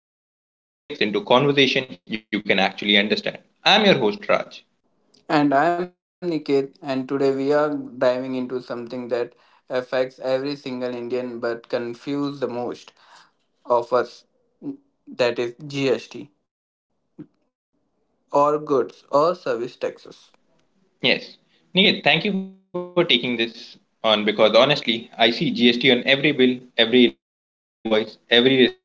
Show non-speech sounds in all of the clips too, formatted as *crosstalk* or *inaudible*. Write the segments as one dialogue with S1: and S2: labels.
S1: where we break down complex topics into conversation you can actually understand. I'm your host, Raj.
S2: And I'm Niket, and today we are diving into something that affects every single Indian but confuse the most of us, that is GST, or goods or service taxes.
S1: Yes, Nigel, thank you for taking this on because honestly, I see GST on every bill, every invoice, every receipt,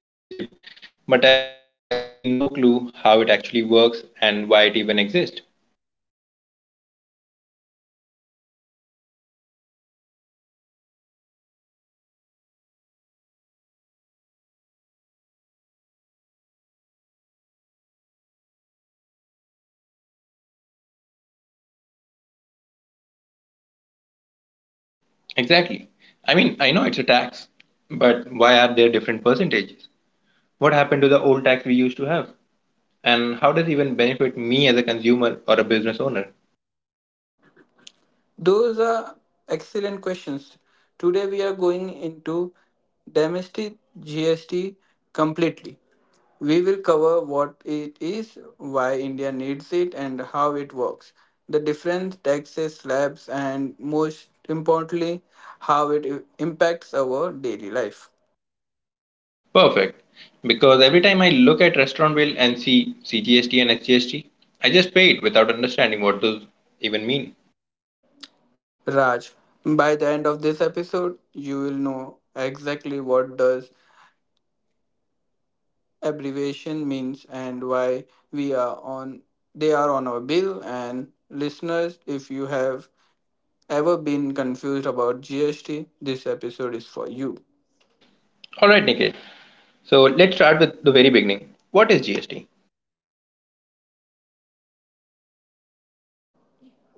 S1: but I have absolutely no clue how it actually works and why it even exists.
S2: You are definitely not alone, Raj. GST is the one of the mo- India's biggest tax reforms, launched in 2017, but even after all these years, most people don't really understand it.
S1: Exactly. I mean, I know it's a tax, but why are there different percentages? What happened to the old tax we used to have? And how does it even benefit me as a consumer or a business owner?
S2: Those are excellent questions. Today we are going into domestic GST completely. We will cover what it is, why India needs it, and how it works, the different taxes slabs, and most importantly, how it impacts our daily life.
S1: Perfect. Because every time I look at restaurant bill and see CGST and SGST, I just pay it without understanding what those even mean.
S2: Raj, by the end of this episode, you will know exactly what does abbreviation means and why we are on they are on our bill. And listeners, if you have ever been confused about GST, this episode is for you.
S1: All right, Nikhil. So let's start with the very beginning. What is GST?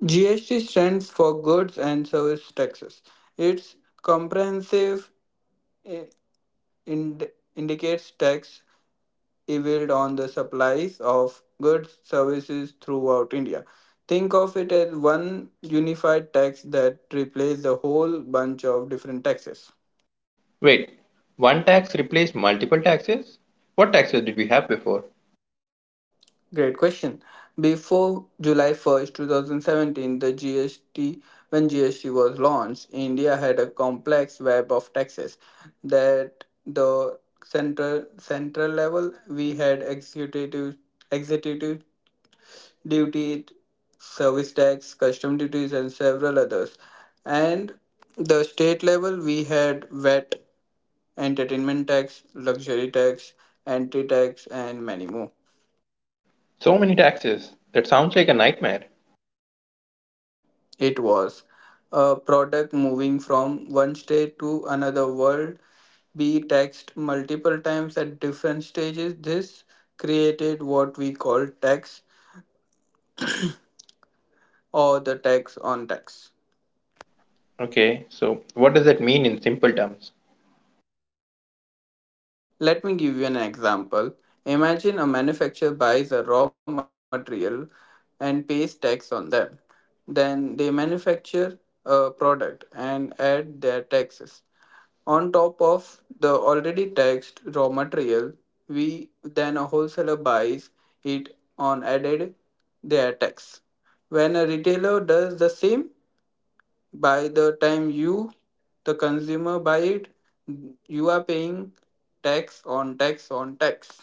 S2: GST stands for goods and service taxes. It's comprehensive, eh, ind- indicates tax levied on the supplies of goods services throughout India. Think of it as one unified tax that replaces the whole bunch of different taxes.
S1: Wait, one tax replaced multiple taxes? What taxes did we have before?
S2: Great question. Before July 1st, 2017, when GST was launched, India had a complex web of taxes. That the central level we had executive duty, service tax, custom duties, and several others. And the state level we had VAT, entertainment tax, luxury tax, entry tax, and many more.
S1: So many taxes. That sounds like a nightmare.
S2: It was a product moving from one state to another world, be taxed multiple times at different stages. This created what we call tax, or the tax on tax.
S1: Okay, so what does that mean in simple terms?
S2: Let me give you an example. Imagine a manufacturer buys a raw material and pays tax on them. Then they manufacture a product and add their taxes on top of the already taxed raw material. We then a wholesaler buys it on added their tax. When a retailer does the same, by the time you, the consumer, buy it, you are paying tax on tax on tax.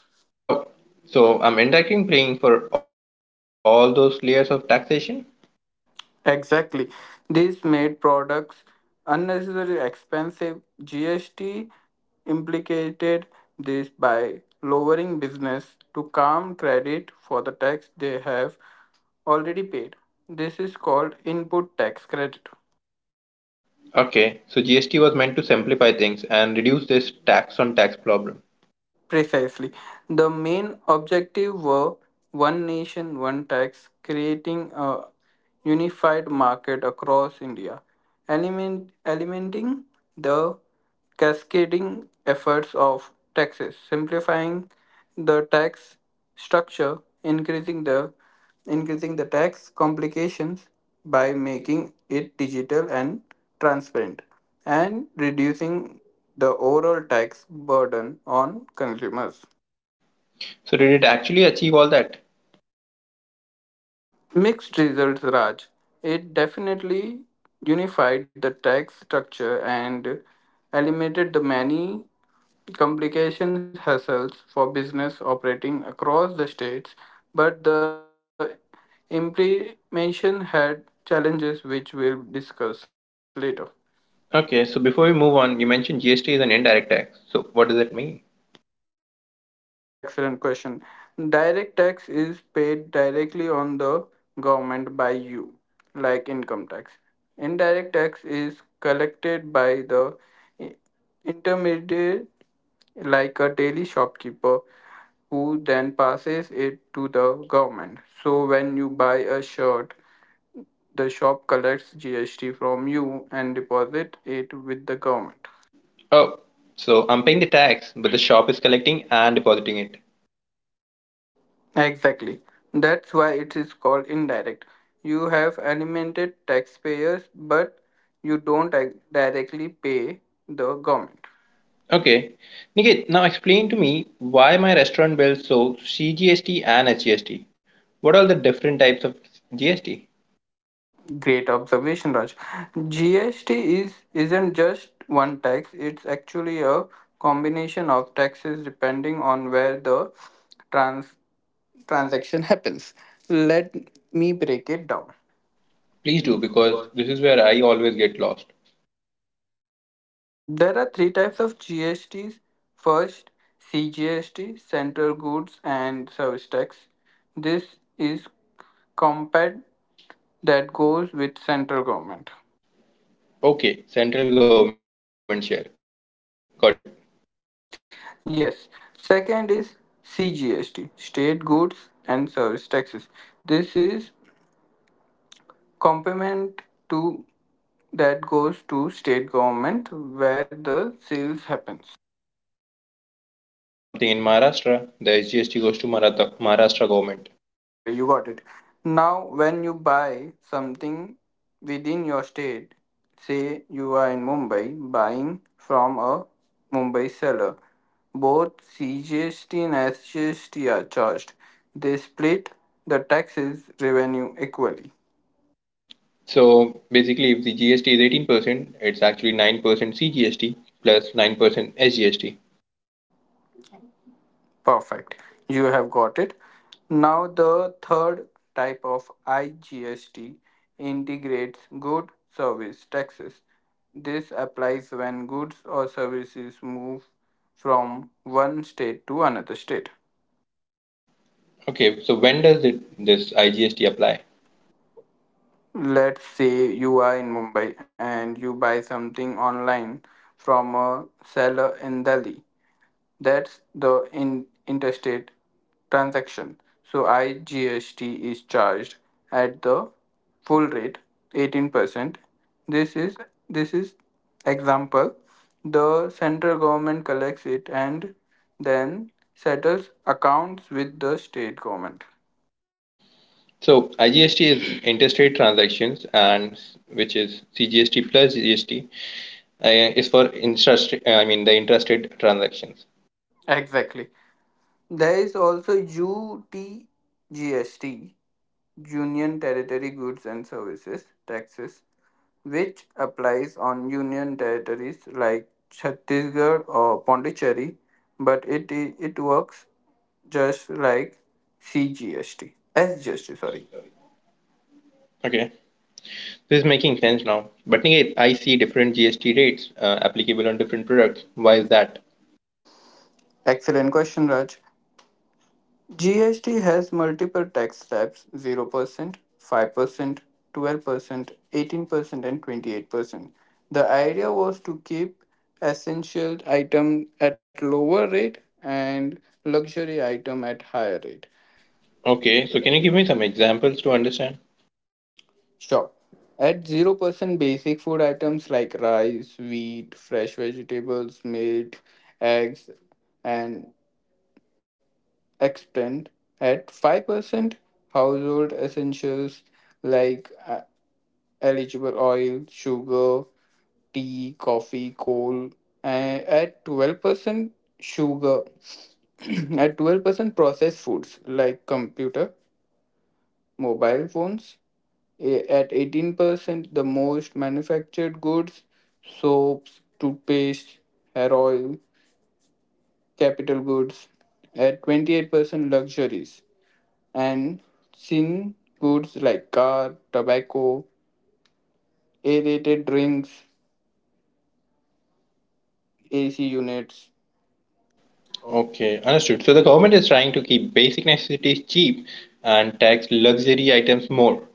S1: Oh, so I'm indirectly paying for all those layers of taxation?
S2: Exactly. This made products unnecessarily expensive. GST implicated this by lowering business to calm credit for the tax they have already paid. This is called input tax credit.
S1: Okay, so GST was meant to simplify things and reduce this tax on tax problem.
S2: Precisely. The main objective were one nation, one tax, creating a unified market across India, element, eliminating the cascading efforts of taxes, simplifying the tax structure, increasing the increasing the tax complications by making it digital and transparent, and reducing the overall tax burden on consumers.
S1: So, did it actually achieve all that?
S2: Mixed results, Raj. It definitely unified the tax structure and eliminated the many complications hassles for business operating across the states, but the implementation had challenges which we'll discuss later.
S1: Okay, so before we move on, you mentioned GST is an indirect tax. So, what does that mean?
S2: Excellent question. Direct tax is paid directly on the government by you, like income tax. Indirect tax is collected by the intermediary, like a daily shopkeeper, who then passes it to the government. So when you buy a shirt, the shop collects GST from you and deposit it with the government.
S1: Oh, so I'm paying the tax, but the shop is collecting and depositing it.
S2: Exactly. That's why it is called indirect. You have animated taxpayers, but you don't directly pay the government.
S1: Okay, Nikit, now explain to me why my restaurant bills so CGST and SGST. What are the different types of GST?
S2: Great observation, Raj. GST is isn't just one tax, it's actually a combination of taxes depending on where the trans transaction happens. Let me break it down.
S1: Please do because this is where I always get lost.
S2: There are three types of GSTs. First, CGST, Central Goods and Service Tax. This is compact that goes with central government.
S1: Okay, central government share. Got it.
S2: Yes. Second is CGST, State Goods and Service Taxes. This is complement to that goes to state government where the sales happens.
S1: Okay, so when I buy something in Maharashtra, the SGST goes to Maratha, Maharashtra government.
S2: Exactly, you got it. Now, when you buy something within your state, say you are in Mumbai buying from a Mumbai seller, both CGST and SGST are charged. They split the taxes revenue equally.
S1: So basically, if the GST is 18%, it's actually 9% CGST plus 9% SGST.
S2: Perfect. You have got it. Now, the third type of IGST, integrates good service taxes. This applies when goods or services move from one state to another state.
S1: Okay, so when does this IGST apply?
S2: Let's say you are in Mumbai and you buy something online from a seller in Delhi. That's the in interstate transaction. So IGST is charged at the full rate, 18%. This is this is example. The central government collects it and then settles accounts with the state government.
S1: So IGST is interstate transactions, and which is CGST plus GST is for intrastate. I mean the intrastate transactions.
S2: Exactly. There is also UTGST, Union Territory Goods and Services taxes, which applies on union territories like Chhattisgarh or Pondicherry, but it works just like CGST. SGST, sorry.
S1: Okay, this is making sense now. But again, I see different GST rates applicable on different products. Why is that?
S2: Excellent question, Raj. GST has multiple tax slabs: 0%, 5%, 12%, 18%, and 28%. The idea was to keep essential item at lower rate and luxury item at higher rate.
S1: Okay, so can you give me some examples to understand?
S2: Sure. At 0%, basic food items like rice, wheat, fresh vegetables, meat, eggs, and extant. At 5%, household essentials like eligible oil, sugar, tea, coffee, coal. And at 12%, sugar. *clears throat* At 12%, processed foods like computer, mobile phones. At 18%, the most manufactured goods, soaps, toothpaste, hair oil, capital goods. At 28%, luxuries and sin goods like car, tobacco, aerated drinks, AC units.
S1: Okay, understood. So the government is trying to keep basic necessities cheap and tax luxury items more.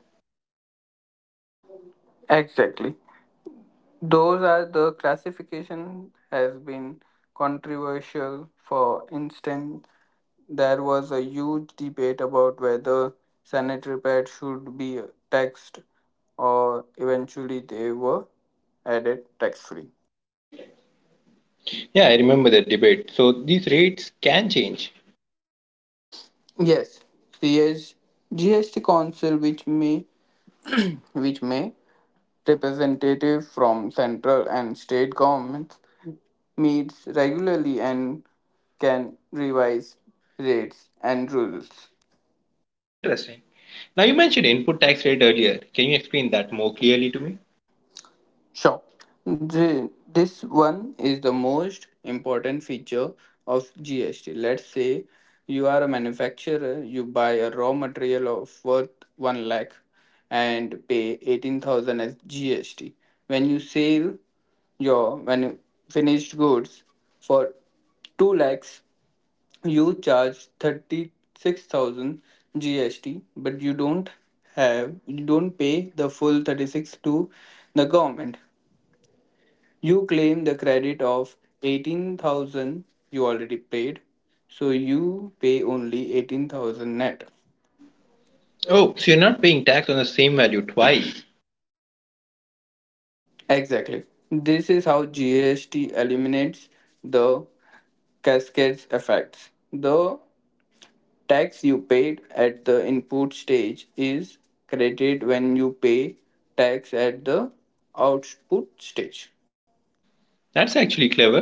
S2: Exactly. Those are the classification has been controversial. For instance, there was a huge debate about whether sanitary pads should be taxed, or eventually they were added tax free.
S1: Yeah, I remember that debate. So these rates can change.
S2: Yes, CS GST Council, which may representative from central and state governments, meets regularly and can revise rates and rules.
S1: Interesting. Now you mentioned input tax rate earlier. Can you explain that more clearly to me?
S2: Sure. This one is the most important feature of GST. Let's say you are a manufacturer, you buy a raw material of worth 1 lakh and pay 18,000 as GST. When you sell your when finished goods for 2 lakhs, you charge 36,000 GST, but you don't pay the full 36 to the government. You claim the credit of 18,000 you already paid, so you pay only 18,000 net.
S1: Oh, so you're not paying tax on the same value twice.
S2: Exactly. This is how GST eliminates the cascades effects. The tax you paid at the input stage is credited when you pay tax at the output stage.
S1: That's actually clever.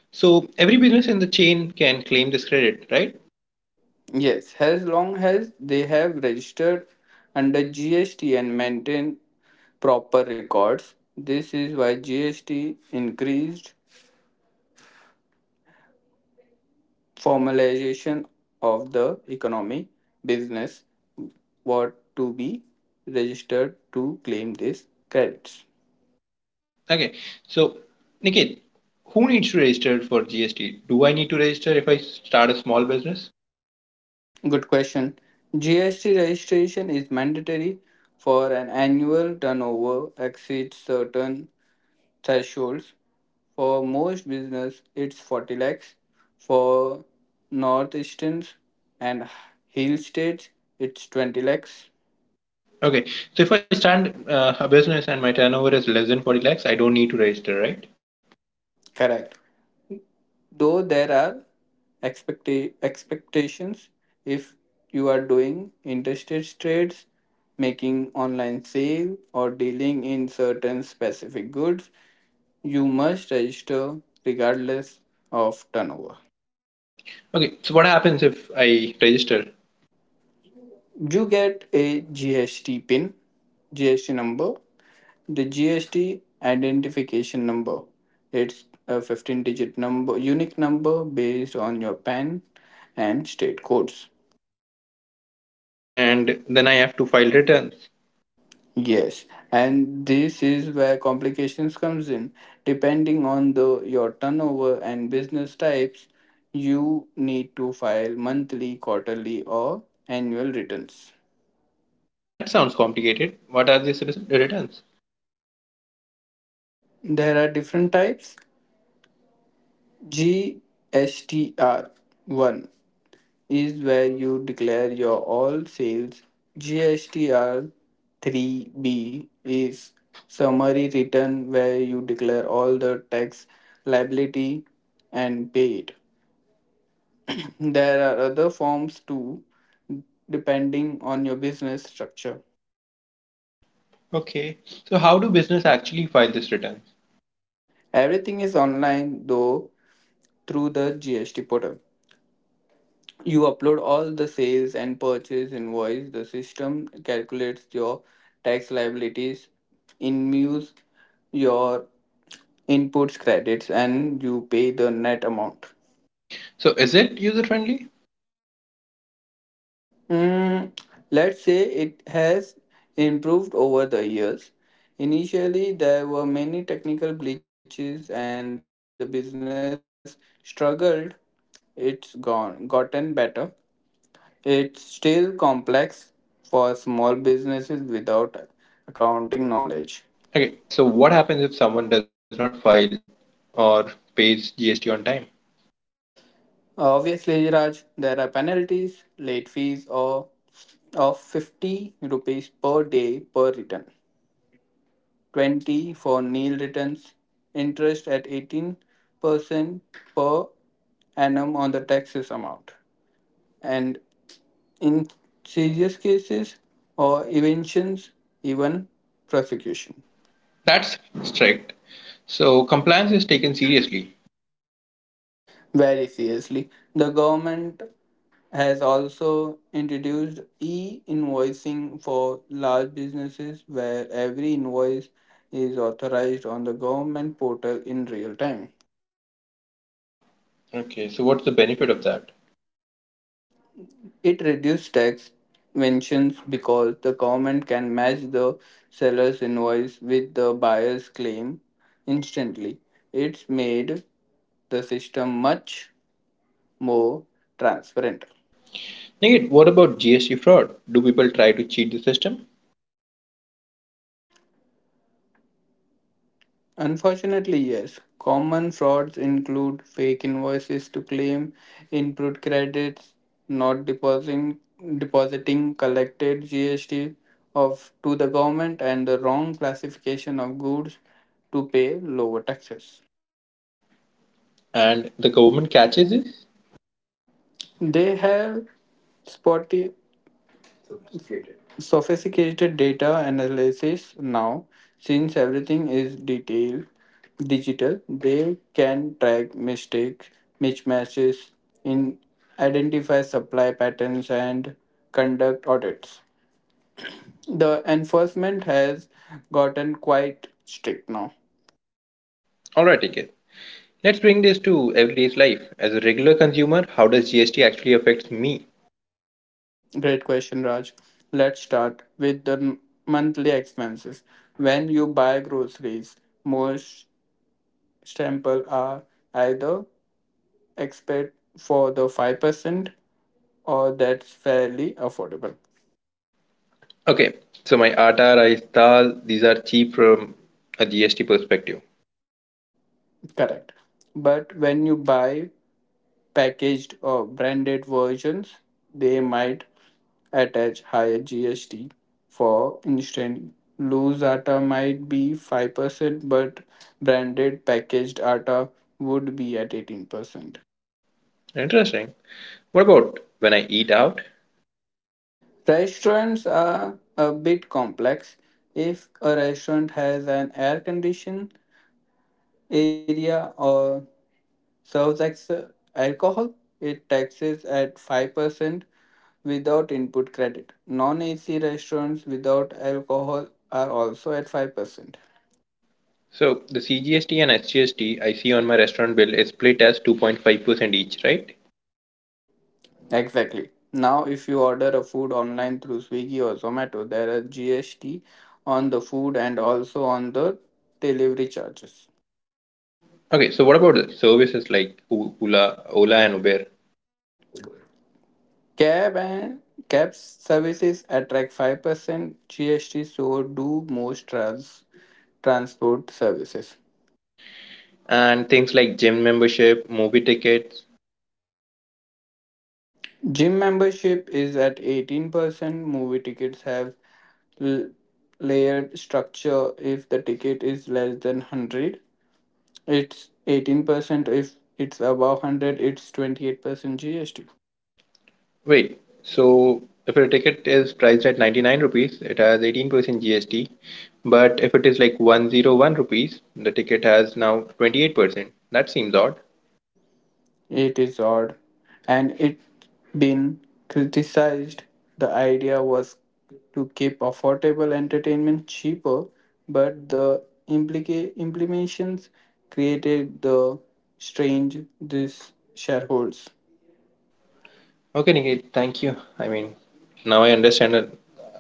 S1: So every business in the chain can claim this credit, right?
S2: Yes, as long as they have registered under GST and maintain proper records. This is why GST increased formalization of the economy business what to be registered to claim these credits.
S1: Okay, so Nikhil, who needs to register for GST? Do I need to register if I start a small business?
S2: Good question. GST registration is mandatory for an annual turnover exceeds certain thresholds. For most business, it's 40 lakhs. For northeasterns and hill states, it's 20 lakhs.
S1: Okay, so if I start a business and my turnover is less than 40 lakhs, I don't need to register, right?
S2: Correct. Though there are expectations, if you are doing interstate trades, making online sale, or dealing in certain specific goods, you must register regardless of turnover.
S1: Okay, so what happens if I register
S2: You get a GST pin, GST number, the GST identification number. It's a 15 digit number, unique number based on your PAN and state codes.
S1: and then I have to file returns?
S2: Yes, and this is where complications comes in. Depending on the your turnover and business types, you need to file monthly, quarterly or annual returns.
S1: That sounds complicated. What are these returns?
S2: There are different types. GSTR 1 is where you declare your all sales. GSTR 3B is summary return where you declare all the tax liability and pay it. There are other forms too depending on your business structure.
S1: Okay, so how do business actually file these returns?
S2: Everything is online though through the GST portal. You upload all the sales and purchase invoice. The system calculates your tax liabilities, inmuse your inputs credits, and you pay the net amount.
S1: So is it user friendly?
S2: Mm, let's say it has improved over the years. Initially, there were many technical glitches, and the business struggled. It's gone gotten better. It's still complex for small businesses without accounting knowledge.
S1: Okay, so what happens if someone does not file or pays GST on time?
S2: Obviously, Raj, there are penalties, late fees or of 50 rupees per day per return, 20 for nil returns, interest at 18% per annum on the taxes amount. And in serious cases or evictions, even prosecution.
S1: That's strict. So compliance is taken seriously.
S2: Very seriously, the government has also introduced e-invoicing for large businesses where every invoice is authorized on the government portal in real time.
S1: Okay, so what's the benefit of that?
S2: It reduces tax mentions because the government can match the seller's invoice with the buyer's claim instantly. It's made the system much more transparent.
S1: Nigit, what about GST fraud? Do people try to cheat the system
S2: Unfortunately, yes. Common frauds include fake invoices to claim input credits, not depositing collected GST of to the government, and the wrong classification of goods to pay lower taxes.
S1: and the government catches this?
S2: They have spotty sophisticated data analysis now. Since everything is detailed digital, they can track mistakes mismatches in identify supply patterns and conduct audits. The enforcement has gotten quite strict now.
S1: Alright, Nigit. Let's bring this to everyday's life. As a regular consumer, how does GST actually affect me?
S2: Great question, Raj. Let's start with the monthly expenses. When you buy groceries, most sample are either expect for the 5%, or that's fairly affordable.
S1: Okay, so my atta, rice, dal, these are cheap from a GST perspective.
S2: Correct. But when you buy packaged or branded versions, they might attach higher gst. For instance, loose atta might be 5%, but branded packaged atta would be at 18%.
S1: Interesting. What about when I eat out?
S2: Restaurants are a bit complex. If a restaurant has an air conditioned area or serves ex alcohol, it taxes at 5% without input credit. Non AC restaurants without alcohol are also at 5%.
S1: So the CGST and SGST I see on my restaurant bill is split as 2.5% each, right?
S2: Exactly. Now, if you order a food online through Swiggy or Zomato, there are GST on the food and also on the delivery charges.
S1: Okay, so what about the services like Ola, Ola and Uber
S2: Cab and cab services attract 5% GST, so do most transport services.
S1: and things like gym membership, movie tickets?
S2: Gym membership is at 18%. Movie tickets have l- layered structure. If the ticket is less than 100, it's 18%. If it's above 100, it's 28% GST.
S1: Wait, so if a ticket is priced at 99 rupees, it has 18% GST, but if it is like 101 rupees, the ticket has now 28%. That seems odd.
S2: It is odd, and it been criticized. The idea was to keep affordable entertainment cheaper, but the implications created the strange this shareholds.
S1: Okay, Niket, thank you. I mean, now I understand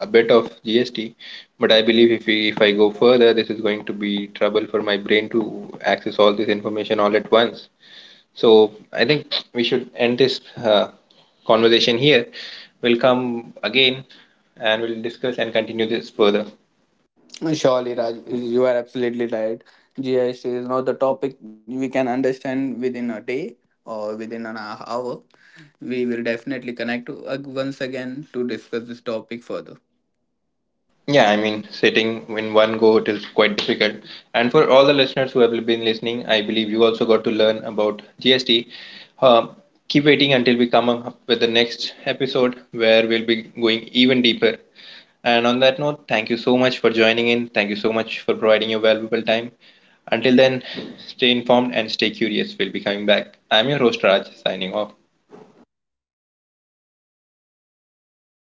S1: a bit of GST, but I believe if I go further, this is going to be trouble for my brain to access all this information all at once. So I think we should end this conversation here. We'll come again and we'll discuss and continue this further.
S2: No, surely, Raj, you are absolutely right. GIS is not the topic we can understand within a day or within an hour. We will definitely connect to, once again to discuss this topic further.
S1: Yeah, I
S2: Yeah, I
S1: mean,
S2: mean.
S1: sitting in one go it is quite difficult. And for all the listeners who have been listening, I believe you also got to learn about GST. Um, Keep waiting until we come up with the next episode where we'll be going even deeper. And on that note, thank you so much for joining in. Thank you so much for providing your valuable time. Until then, stay informed and stay curious. We'll be coming back. I'm your host, Raj, signing off.